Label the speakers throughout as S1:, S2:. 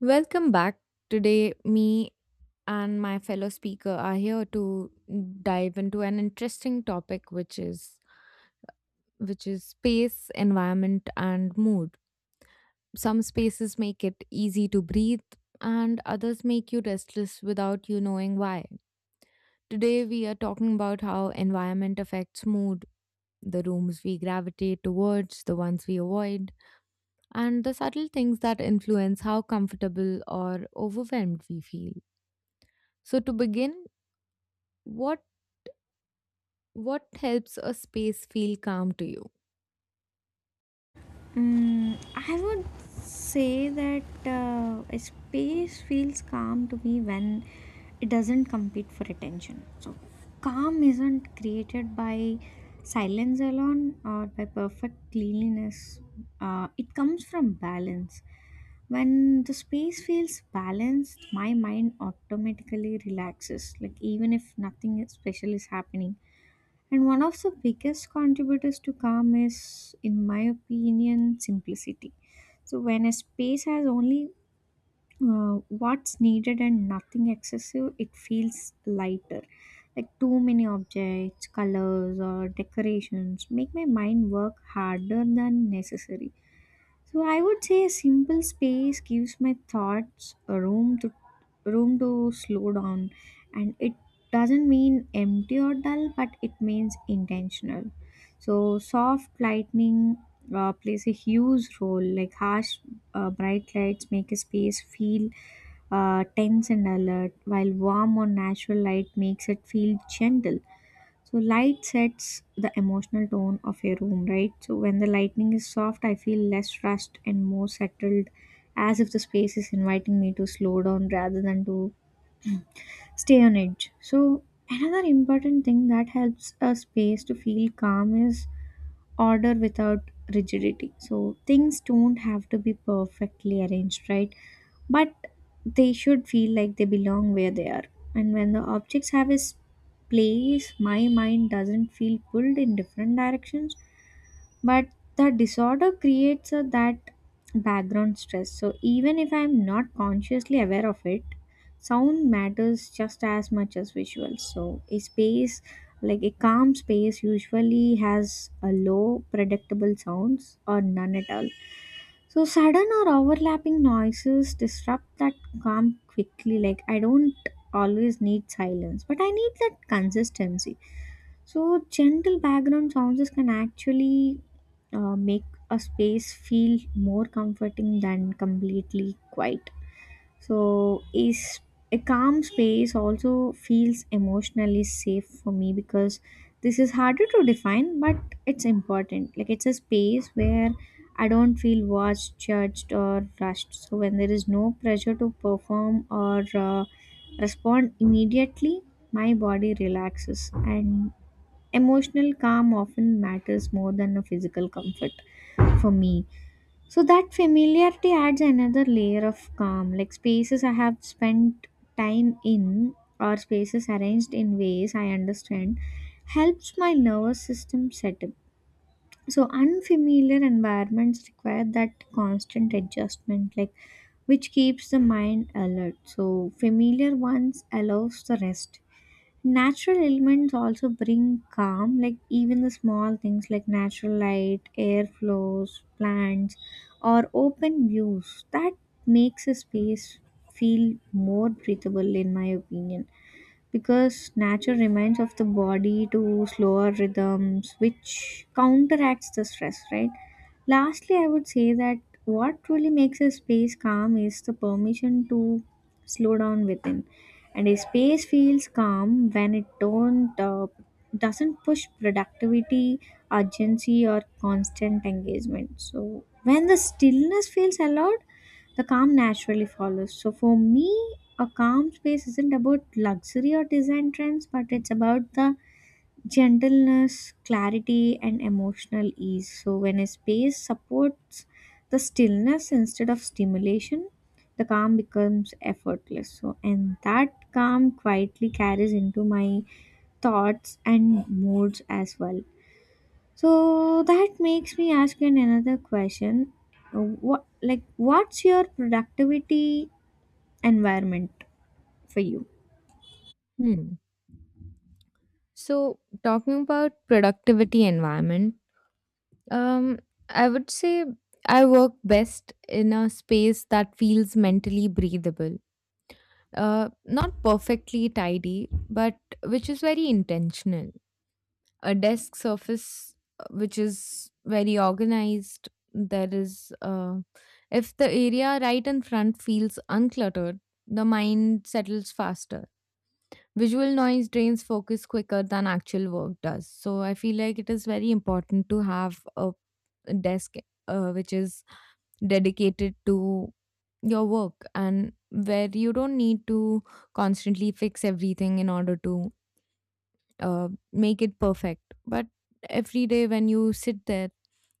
S1: Welcome back. Today, me and my fellow speaker are here to dive into an interesting topic, which is space, environment, and mood. Some spaces make it easy to breathe, and others make you restless without you knowing why. Today, we are talking about how environment affects mood, the rooms we gravitate towards, the ones we avoid, and the subtle things that influence how comfortable or overwhelmed we feel. So, to begin, What what helps a space feel calm to you?
S2: I would say that a space feels calm to me when it doesn't compete for attention. So, calm isn't created by silence alone or by perfect cleanliness. It comes from balance. When the space feels balanced, my mind automatically relaxes, like even if nothing special is happening, and one of the biggest contributors to calm is, in my opinion, simplicity. So, when a space has only uh, what's needed and nothing excessive, it feels lighter. Like too many objects, colors, or decorations make my mind work harder than necessary. So I would say a simple space gives my thoughts a room to slow down, and it doesn't mean empty or dull, but it means intentional. So soft lightning plays a huge role. Like harsh bright lights make a space feel tense and alert, while warm or natural light makes it feel gentle. So light sets the emotional tone of a room, right? So when the lighting is soft, I feel less rushed and more settled, as if the space is inviting me to slow down rather than to stay on edge. So another important thing that helps a space to feel calm is order without rigidity. So things don't have to be perfectly arranged, right? But they should feel like they belong where they are. And when the objects have place, my mind doesn't feel pulled in different directions, but the disorder creates that background stress, so even if I'm not consciously aware of it, sound matters just as much as visuals. So a space, like a calm space, usually has a low predictable sounds or none at all. So sudden or overlapping noises disrupt that calm quickly. Like I don't always need silence, but I need that consistency. So gentle background sounds can actually make a space feel more comforting than completely quiet. So, is a calm space also feels emotionally safe for me, because this is harder to define, but it's important. Like, it's a space where I don't feel watched, judged, or rushed. So, when there is no pressure to perform or respond immediately, my body relaxes, and emotional calm often matters more than a physical comfort for me. So that familiarity adds another layer of calm, like spaces I have spent time in or spaces arranged in ways I understand helps my nervous system settle. So unfamiliar environments require that constant adjustment, like, which keeps the mind alert. So familiar ones allows the rest. Natural elements also bring calm, like even the small things like natural light, air flows, plants, or open views. That makes a space feel more breathable, in my opinion, because nature reminds of the body to slower rhythms which counteracts the stress, right? Lastly, I would say that what truly makes a space calm is the permission to slow down within. And a space feels calm when it don't doesn't push productivity, urgency, or constant engagement. So when the stillness feels allowed, the calm naturally follows. So for me, a calm space isn't about luxury or design trends, but it's about the gentleness, clarity, and emotional ease. So, when a space supports the stillness instead of stimulation, the calm becomes effortless. So, and that calm quietly carries into my thoughts and moods as well. So, that makes me ask you another question. What, like, what's your productivity environment for you?
S1: Hmm. So, talking about productivity environment, um, I would say I work best in a space that feels mentally breathable. Not perfectly tidy, but which is very intentional. A desk surface, which is very organized. If the area right in front feels uncluttered, the mind settles faster. Visual noise drains focus quicker than actual work does. So I feel like it is very important to have a desk which is dedicated to your work and where you don't need to constantly fix everything in order to make it perfect. But every day when you sit there,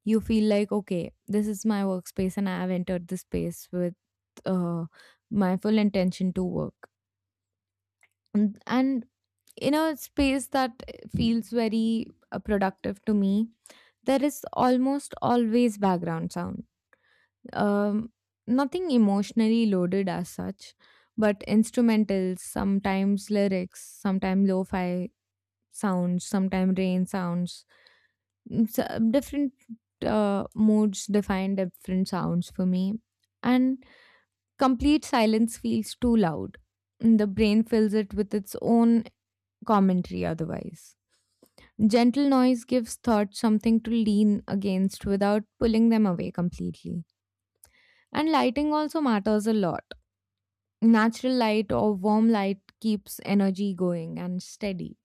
S1: you feel like, okay, this is my workspace and I have entered this space with uh, my full intention to work. And in a space that feels very productive to me, there is almost always background sound. Um, Nothing emotionally loaded as such, but instrumentals, sometimes lyrics, sometimes lo fi sounds, sometimes rain sounds. Different moods define different sounds for me, and complete silence feels too loud. The brain fills it with its own commentary otherwise. Gentle noise gives thoughts something to lean against without pulling them away completely. And lighting also matters a lot. Natural light or warm light keeps energy going and steady,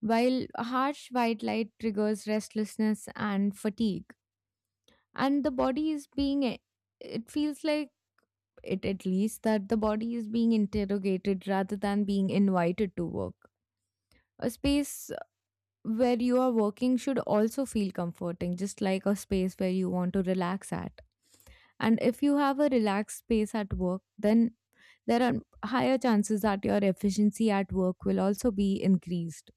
S1: while harsh white light triggers restlessness and fatigue. And the body is it feels like, it at least, that the body is being interrogated rather than being invited to work. A space where you are working should also feel comforting, just like a space where you want to relax at. And if you have a relaxed space at work, then there are higher chances that your efficiency at work will also be increased.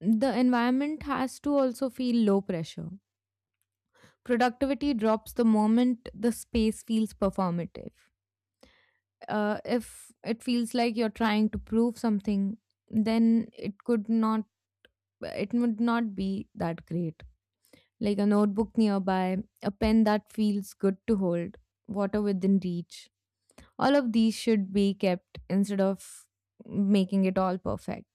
S1: The environment has to also feel low pressure. Productivity drops the moment the space feels performative. If it feels like you're trying to prove something, then it would not be that great. Like a notebook nearby, a pen that feels good to hold, water within reach, all of these should be kept instead of making it all perfect.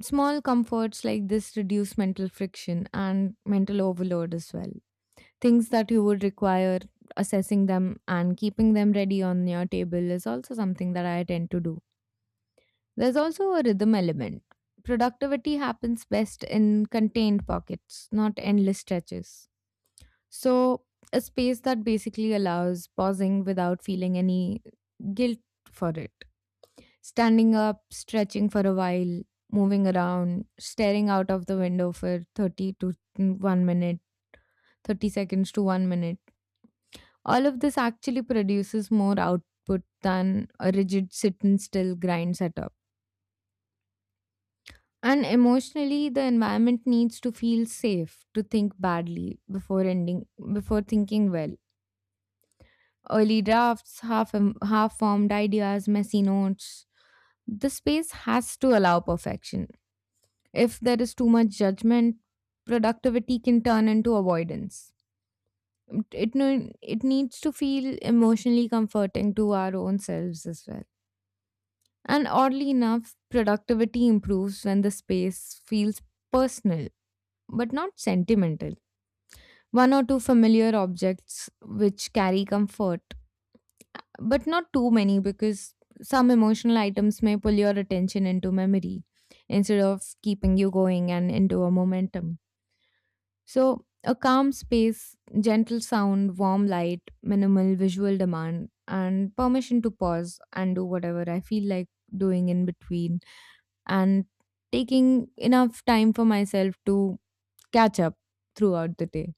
S1: Small comforts like this reduce mental friction and mental overload as well. Things that you would require, assessing them and keeping them ready on your table, is also something that I tend to do. There's also a rhythm element. Productivity happens best in contained pockets, not endless stretches. So, a space that basically allows pausing without feeling any guilt for it. Standing up, stretching for a while, moving around, staring out of the window for 30 to 1 minute, 30 seconds to 1 minute. All of this actually produces more output than a rigid sit and still grind setup. And emotionally, the environment needs to feel safe to think badly before ending before thinking well. Early drafts, half formed ideas, messy notes. The space has to allow perfection. If there is too much judgment, productivity can turn into avoidance. It no- It needs to feel emotionally comforting to our own selves as well. And oddly enough, productivity improves when the space feels personal but not sentimental. One or two familiar objects which carry comfort, but not too many, because some emotional items may pull your attention into memory instead of keeping you going and into a momentum. So, a calm space, gentle sound, warm light, minimal visual demand, and permission to pause and do whatever I feel like doing in between, and taking enough time for myself to catch up throughout the day.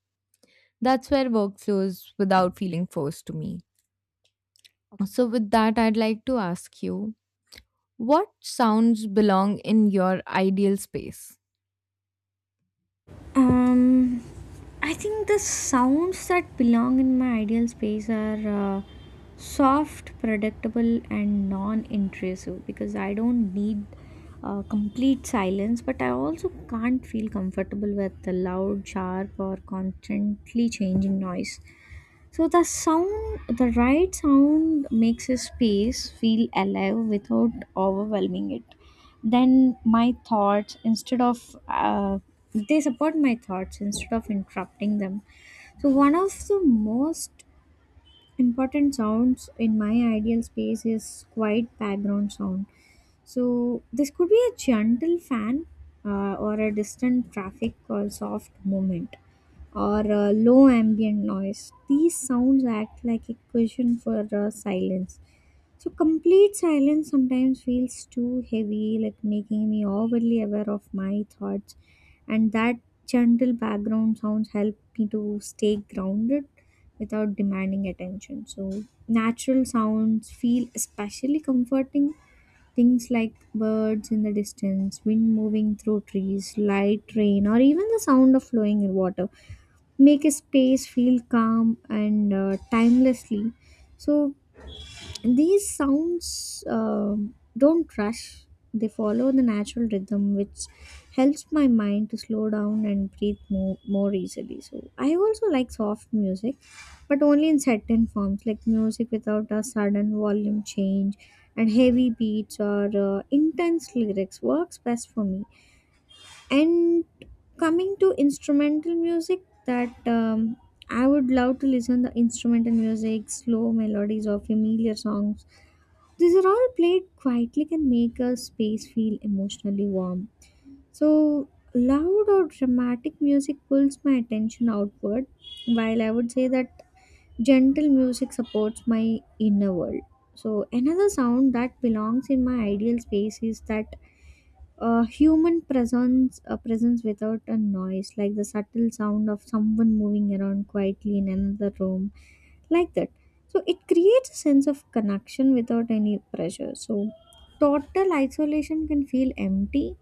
S1: That's where work flows without feeling forced to me. So, with that, I'd like to ask you, what sounds belong in your ideal space?
S2: Um, I think the sounds that belong in my ideal space are soft, predictable, and non intrusive, because I don't need complete silence, but I also can't feel comfortable with the loud, sharp, or constantly changing noise. So the sound, the right sound makes a space feel alive without overwhelming it. Then my thoughts, they support my thoughts instead of interrupting them. So one of the most important sounds in my ideal space is quiet background sound. So this could be a gentle fan or a distant traffic or soft moment or a low ambient noise. These sounds act like a cushion for silence. So complete silence sometimes feels too heavy, like making me overly aware of my thoughts. And that gentle background sounds help me to stay grounded without demanding attention. So natural sounds feel especially comforting. Things like birds in the distance, wind moving through trees, light rain, or even the sound of flowing water make a space feel calm and timelessly. So these sounds don't rush, they follow the natural rhythm, which helps my mind to slow down and breathe more easily. So, I also like soft music, but only in certain forms, like music without a sudden volume change, and heavy beats or intense lyrics works best for me. And coming to instrumental music, that I would love to listen the instrumental music, slow melodies, or familiar songs, these are all played quietly, can make a space feel emotionally warm. So, loud or dramatic music pulls my attention outward, while I would say that gentle music supports my inner world. So, another sound that belongs in my ideal space is that human presence, a presence without a noise, like the subtle sound of someone moving around quietly in another room, like that. So it creates a sense of connection without any pressure. So total isolation can feel empty,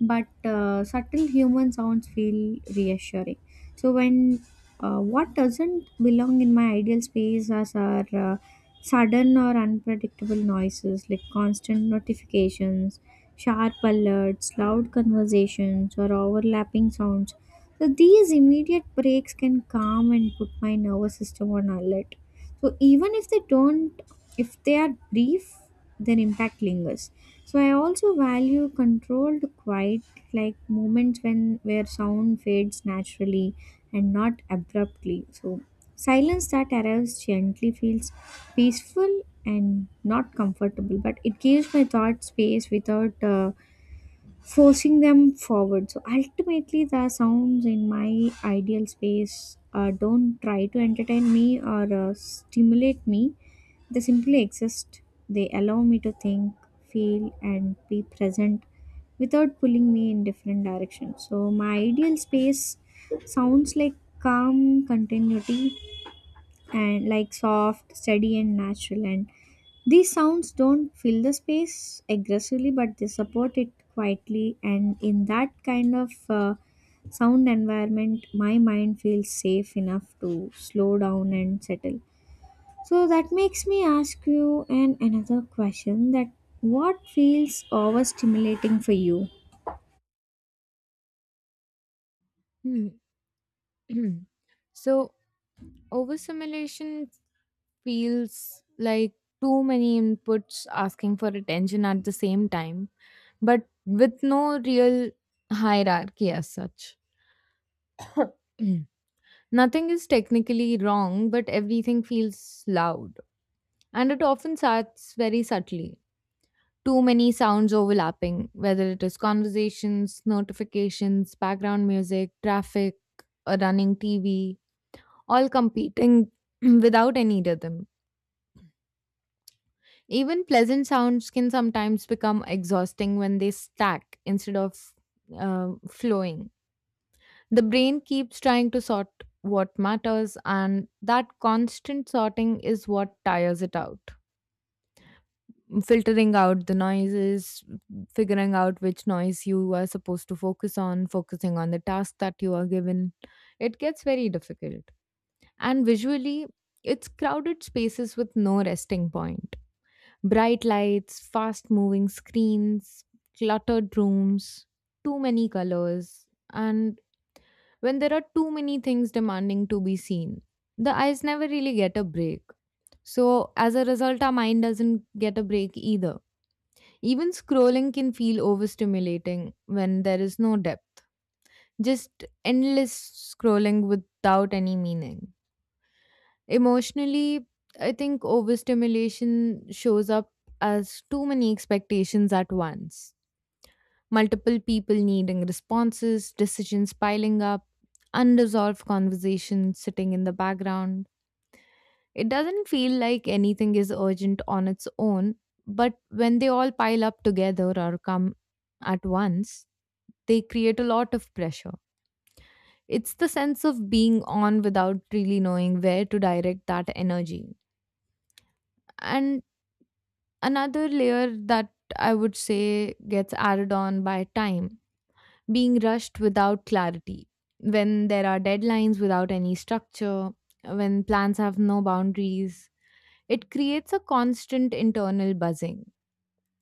S2: but subtle human sounds feel reassuring. So when What doesn't belong in my ideal space as are sudden or unpredictable noises like constant notifications, sharp alerts, loud conversations, or overlapping sounds. So these immediate breaks can calm and put my nervous system on alert. So even if they don't, if they are brief, their impact lingers. So I also value controlled quiet, like moments when where sound fades naturally and not abruptly. So silence that arrives gently feels peaceful and not comfortable, but it gives my thought space without forcing them forward. So ultimately, the sounds in my ideal space don't try to entertain me or stimulate me. They simply exist. They allow me to think, feel, and be present without pulling me in different directions. So my ideal space sounds like calm continuity, and like soft, steady, and natural. And these sounds don't fill the space aggressively, but they support it quietly. And in that kind of sound environment, my mind feels safe enough to slow down and settle. So that makes me ask you an another question that what feels overstimulating for you?
S1: Hmm. So, overstimulation feels like too many inputs asking for attention at the same time, but with no real hierarchy as such. Nothing is technically wrong, but everything feels loud. And it often starts very subtly. Too many sounds overlapping, whether it is conversations, notifications, background music, traffic, a running TV, all competing without any rhythm. Even pleasant sounds can sometimes become exhausting when they stack instead of flowing. The brain keeps trying to sort what matters, and that constant sorting is what tires it out. Filtering out the noises, figuring out which noise you are supposed to focus on, focusing on the task that you are given, it gets very difficult. And visually, it's crowded spaces with no resting point. Bright lights, fast moving screens, cluttered rooms, too many colors, and when there are too many things demanding to be seen. The eyes never really get a break. So, as a result, our mind doesn't get a break either. Even scrolling can feel overstimulating when there is no depth, just endless scrolling without any meaning. Emotionally, I think overstimulation shows up as too many expectations at once. Multiple people needing responses, decisions piling up, unresolved conversations sitting in the background. It doesn't feel like anything is urgent on its own, but when they all pile up together or come at once, they create a lot of pressure. It's the sense of being on without really knowing where to direct that energy. And another layer that I would say gets added on by time, being rushed without clarity, when there are deadlines without any structure, when plans have no boundaries, it creates a constant internal buzzing.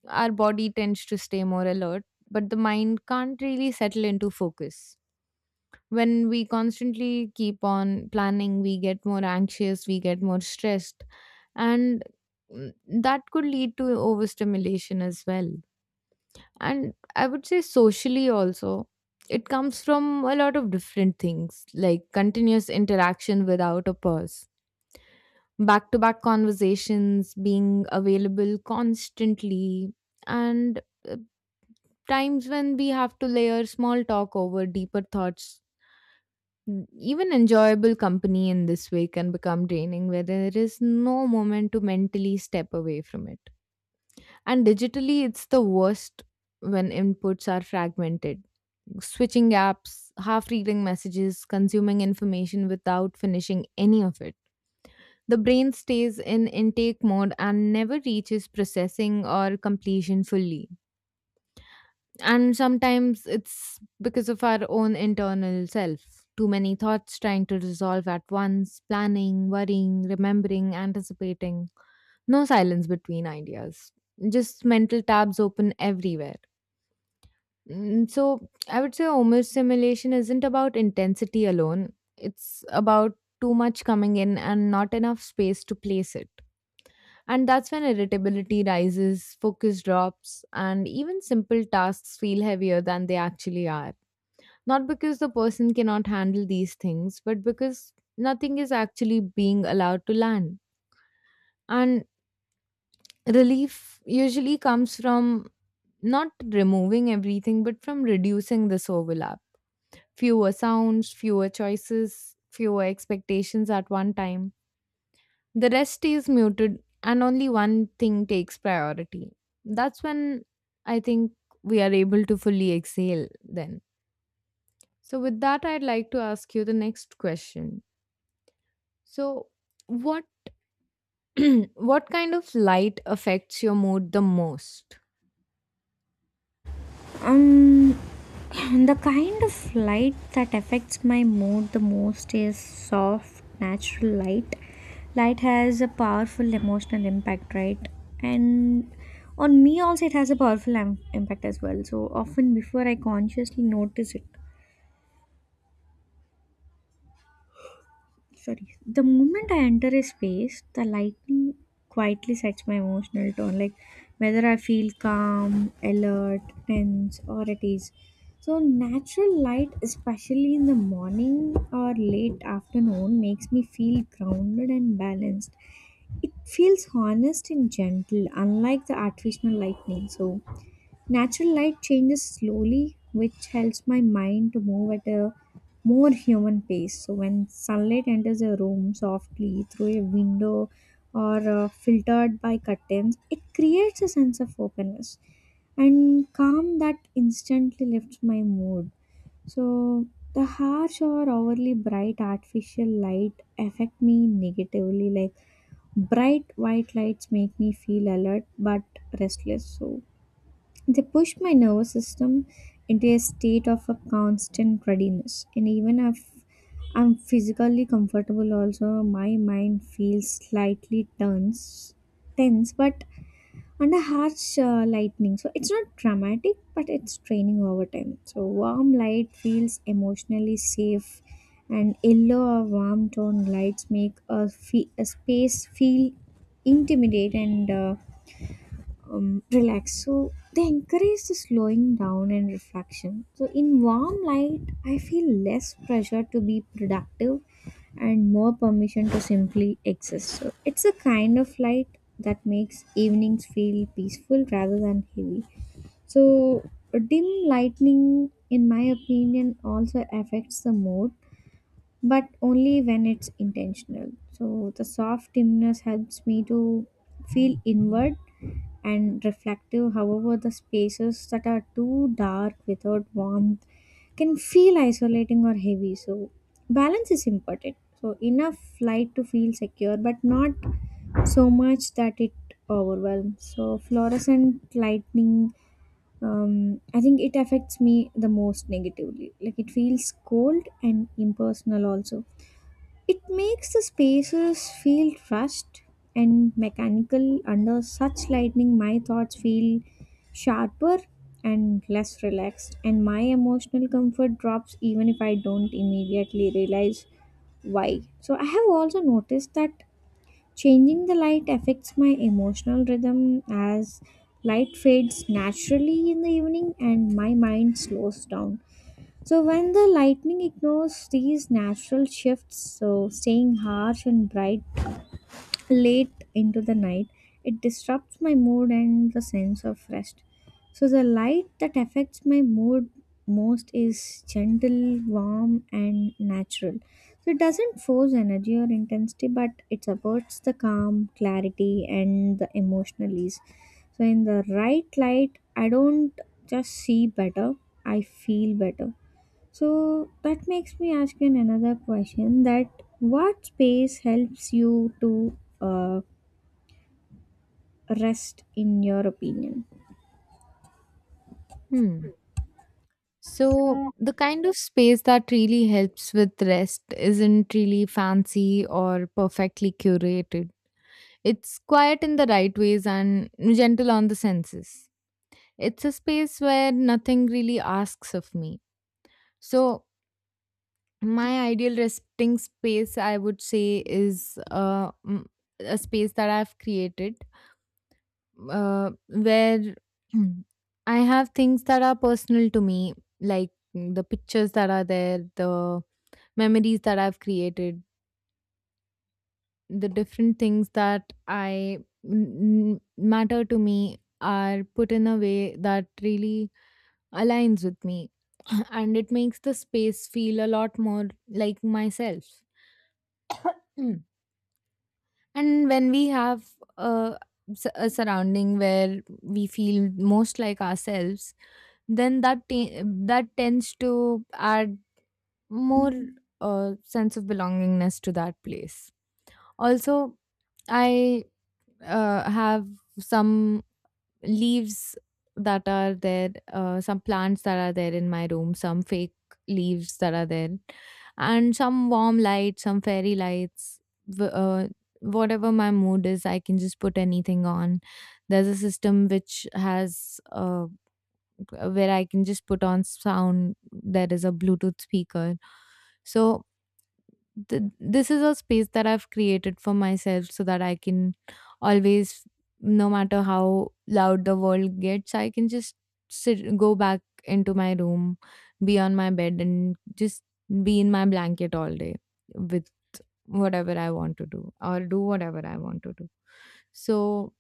S1: Our body tends to stay more alert, but the mind can't really settle into focus. When we constantly keep on planning, we get more anxious, we get more stressed, and mm, that could lead to overstimulation as well. And I would say socially also. It comes from a lot of different things, like continuous interaction without a pause, back to back conversations, being available constantly, and uh, times when we have to layer small talk over deeper thoughts. Even enjoyable company in this way can become draining, where there is no moment to mentally step away from it. And digitally, it's the worst when inputs are fragmented, switching apps, half reading messages, consuming information without finishing any of it. The brain stays in intake mode and never reaches processing or completion fully. And sometimes it's because of our own internal self. Too many thoughts trying to resolve at once, planning, worrying, remembering, anticipating. No silence between ideas. Just mental tabs open everywhere. So I would say overstimulation isn't about intensity alone. It's about too much coming in and not enough space to place it. And that's when irritability rises, focus drops, and even simple tasks feel heavier than they actually are. Not because the person cannot handle these things, but because nothing is actually being allowed to land. And relief usually comes from not removing everything, but from reducing this overlap. Fewer sounds, fewer choices, fewer expectations at one time. The rest stays muted and only one thing takes priority. That's when, I think, we are able to fully exhale then. So with that I'd like to ask you the next question. So what what kind of light affects your mood the most?
S2: Um, The kind of light that affects my mood the most is soft, natural light. Light has a powerful emotional impact, right? And on me also, it has a powerful impact as well. So often, before I consciously notice it, sorry, the moment I enter a space, the lighting quietly sets my emotional tone, like whether I feel calm, alert, tense, or at ease. So, natural light, especially in the morning or late afternoon, makes me feel grounded and balanced. It feels honest and gentle, unlike the artificial lightning. So, natural light changes slowly, which helps my mind to move at a more human pace. So, when sunlight enters a room softly through a window or filtered by curtains, it creates a sense of openness and calm that instantly lifts my mood. So, the harsh or overly bright artificial light affect me negatively, like bright white lights make me feel alert but restless. So they push my nervous system into a state of a constant readiness. And even if I'm physically comfortable, also my mind feels slightly tense, but under harsh lightning. So it's not dramatic, but it's training over time. So warm light feels emotionally safe, and yellow or warm tone lights make a space feel intimidate and relax. So they encourage the slowing down and reflection. So in warm light, I feel less pressure to be productive and more permission to simply exist. So it's a kind of light that makes evenings feel peaceful rather than heavy. So dim lightning, in my opinion, also affects the mood but only when it's intentional. So the soft dimness helps me to feel inward and reflective. However, the spaces that are too dark without warmth can feel isolating or heavy. So balance is important. So enough light to feel secure, but not so much that it overwhelms. So fluorescent lightning, I think it affects me the most negatively. Like it feels cold and impersonal also. It makes the spaces feel rushed and mechanical. Under such lighting, my thoughts feel sharper and less relaxed, and my emotional comfort drops even if I don't immediately realize why. So, I have also noticed that changing the light affects my emotional rhythm as light fades naturally in the evening and my mind slows down. So when the lightning ignores these natural shifts, so staying harsh and bright late into the night, it disrupts my mood and the sense of rest. So the light that affects my mood most is gentle, warm, and natural. So it doesn't force energy or intensity, but it supports the calm, clarity, and the emotional ease. So in the right light, I don't just see better, I feel better. So that makes me ask you another question that what space helps you to rest in your opinion?
S1: Hmm. So, the kind of space that really helps with rest isn't really fancy or perfectly curated. It's quiet in the right ways and gentle on the senses. It's a space where nothing really asks of me. So, my ideal resting space, I would say, is a space that I've created where mm, I have things that are personal to me, like the pictures that are there, the memories that I've created, the different things that I matter to me are put in a way that really aligns with me and it makes the space feel a lot more like myself. And when we have a, a surrounding where we feel most like ourselves, then that tends to add more sense of belongingness to that place. Also, I have some leaves that are there, some plants that are there in my room, some fake leaves that are there, and some warm lights, some fairy lights. w- Uh, Whatever my mood is, I can just put anything on. There's a system which has where I can just put on sound. There is a Bluetooth speaker. So this is a space that I've created for myself so that I can always, no matter how loud the world gets, I can just sit, go back into my room, be on my bed, and just be in my blanket all day with whatever I want to do or do whatever I want to do. So,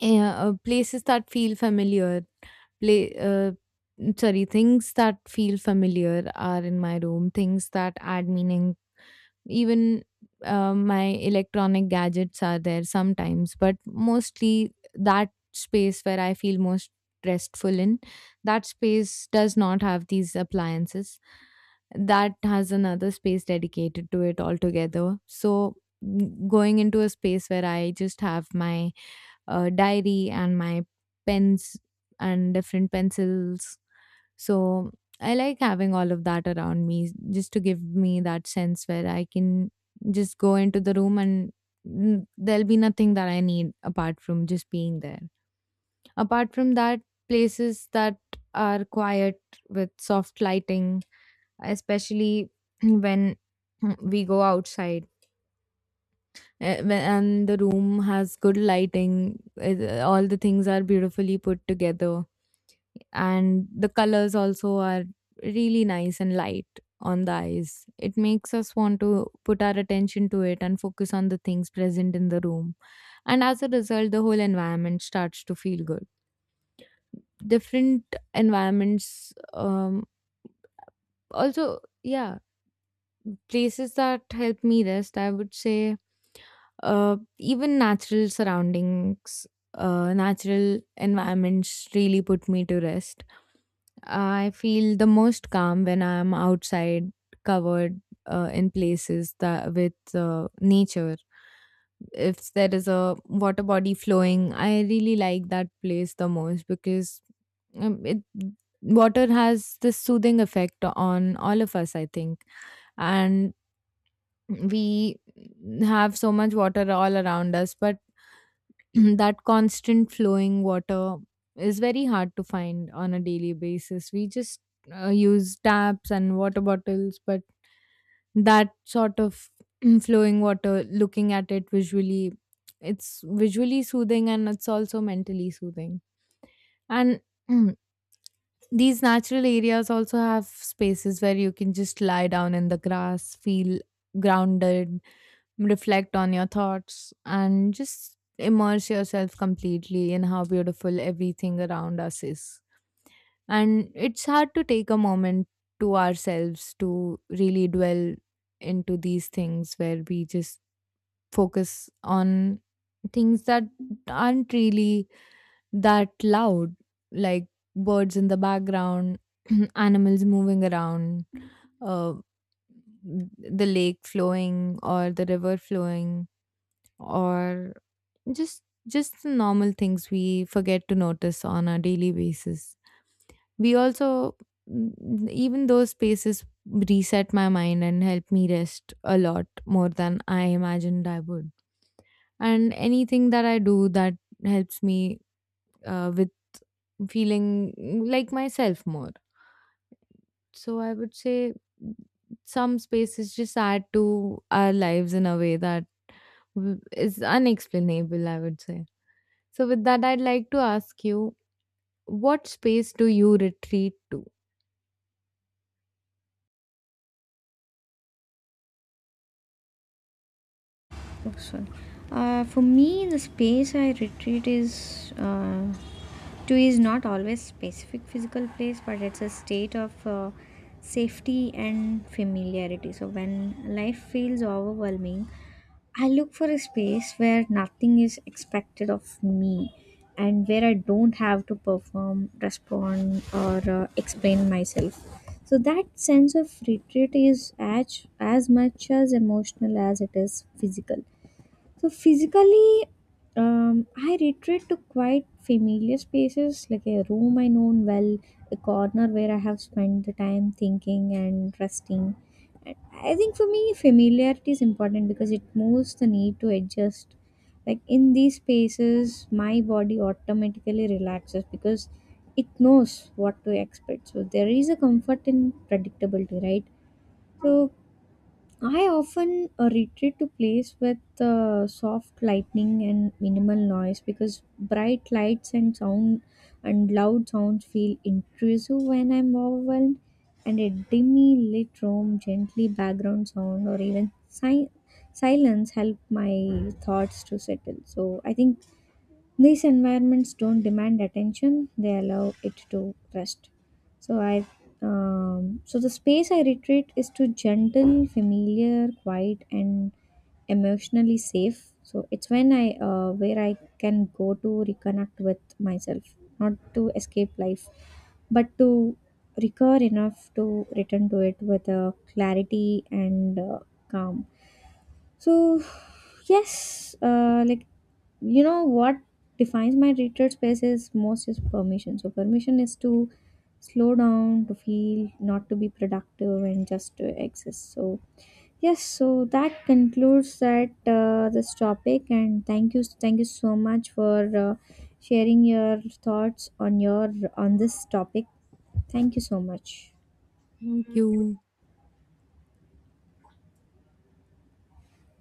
S1: places that feel familiar, play, sorry, things that feel familiar are in my room, things that add meaning, even my electronic gadgets are there sometimes, but mostly that space where I feel most restful in, that space does not have these appliances. That has another space dedicated to it altogether. So going into a space where I just have my diary and my pens and different pencils, so I like having all of that around me just to give me that sense where I can just go into the room and there'll be nothing that I need apart from just being there. Apart from that, places that are quiet with soft lighting, especially when we go outside. And the room has good lighting. All the things are beautifully put together and the colors also are really nice and light on the eyes. It makes us want to put our attention to it and focus on the things present in the room. And as a result, the whole environment starts to feel good. Different environments, also, yeah, places that help me rest, I would say. Even natural surroundings, natural environments really put me to rest. I feel the most calm when I am outside, covered in places that with nature. If there is a water body flowing, I really like that place the most because it water has this soothing effect on all of us, I think, and we have so much water all around us, but that constant flowing water is very hard to find on a daily basis. We just use taps and water bottles, but that sort of flowing water, looking at it visually, it's visually soothing and it's also mentally soothing. And these natural areas also have spaces where you can just lie down in the grass, feel grounded, reflect on your thoughts and just immerse yourself completely in how beautiful everything around us is. And it's hard to take a moment to ourselves to really dwell into these things where we just focus on things that aren't really that loud, like birds in the background, animals moving around, uh, the lake flowing or the river flowing or just the normal things we forget to notice on a daily basis. We also Even those spaces reset my mind and help me rest a lot more than I imagined I would. And anything that I do that helps me with feeling like myself more. So I would say some spaces just add to our lives in a way that is unexplainable, I would say. So, with that, I'd like to ask you, what space do you retreat to?
S2: Oh, sorry. For me, the space I retreat is to is not always specific physical place, but it's a state of safety and familiarity. So when life feels overwhelming, I look for a space where nothing is expected of me and where I don't have to perform, respond, or explain myself. So that sense of retreat is as much as emotional as it is physical. So physically, I retreat to quite familiar spaces like a room I know well, a corner where I have spent the time thinking and resting. And I think for me, familiarity is important because it moves the need to adjust. Like in these spaces, my body automatically relaxes because it knows what to expect. So there is a comfort in predictability, right? So I often retreat to place with soft lighting and minimal noise, because bright lights and sound and loud sounds feel intrusive when I'm overwhelmed, and a dimly lit room, gently background sound, or even silence help my thoughts to settle. So I think these environments don't demand attention; they allow it to rest. So I, so the space I retreat is to gentle, familiar, quiet, and emotionally safe. So it's when where I can go to reconnect with myself, not to escape life, but to recover enough to return to it with a clarity and calm. So, yes, like, you know what defines my retreat space is most is permission. So, permission is to slow down, to feel, not to be productive, and just to exist. So, yes, so that concludes that this topic, and thank you so much for sharing your thoughts on your on this topic. Thank you so much.
S1: Thank you.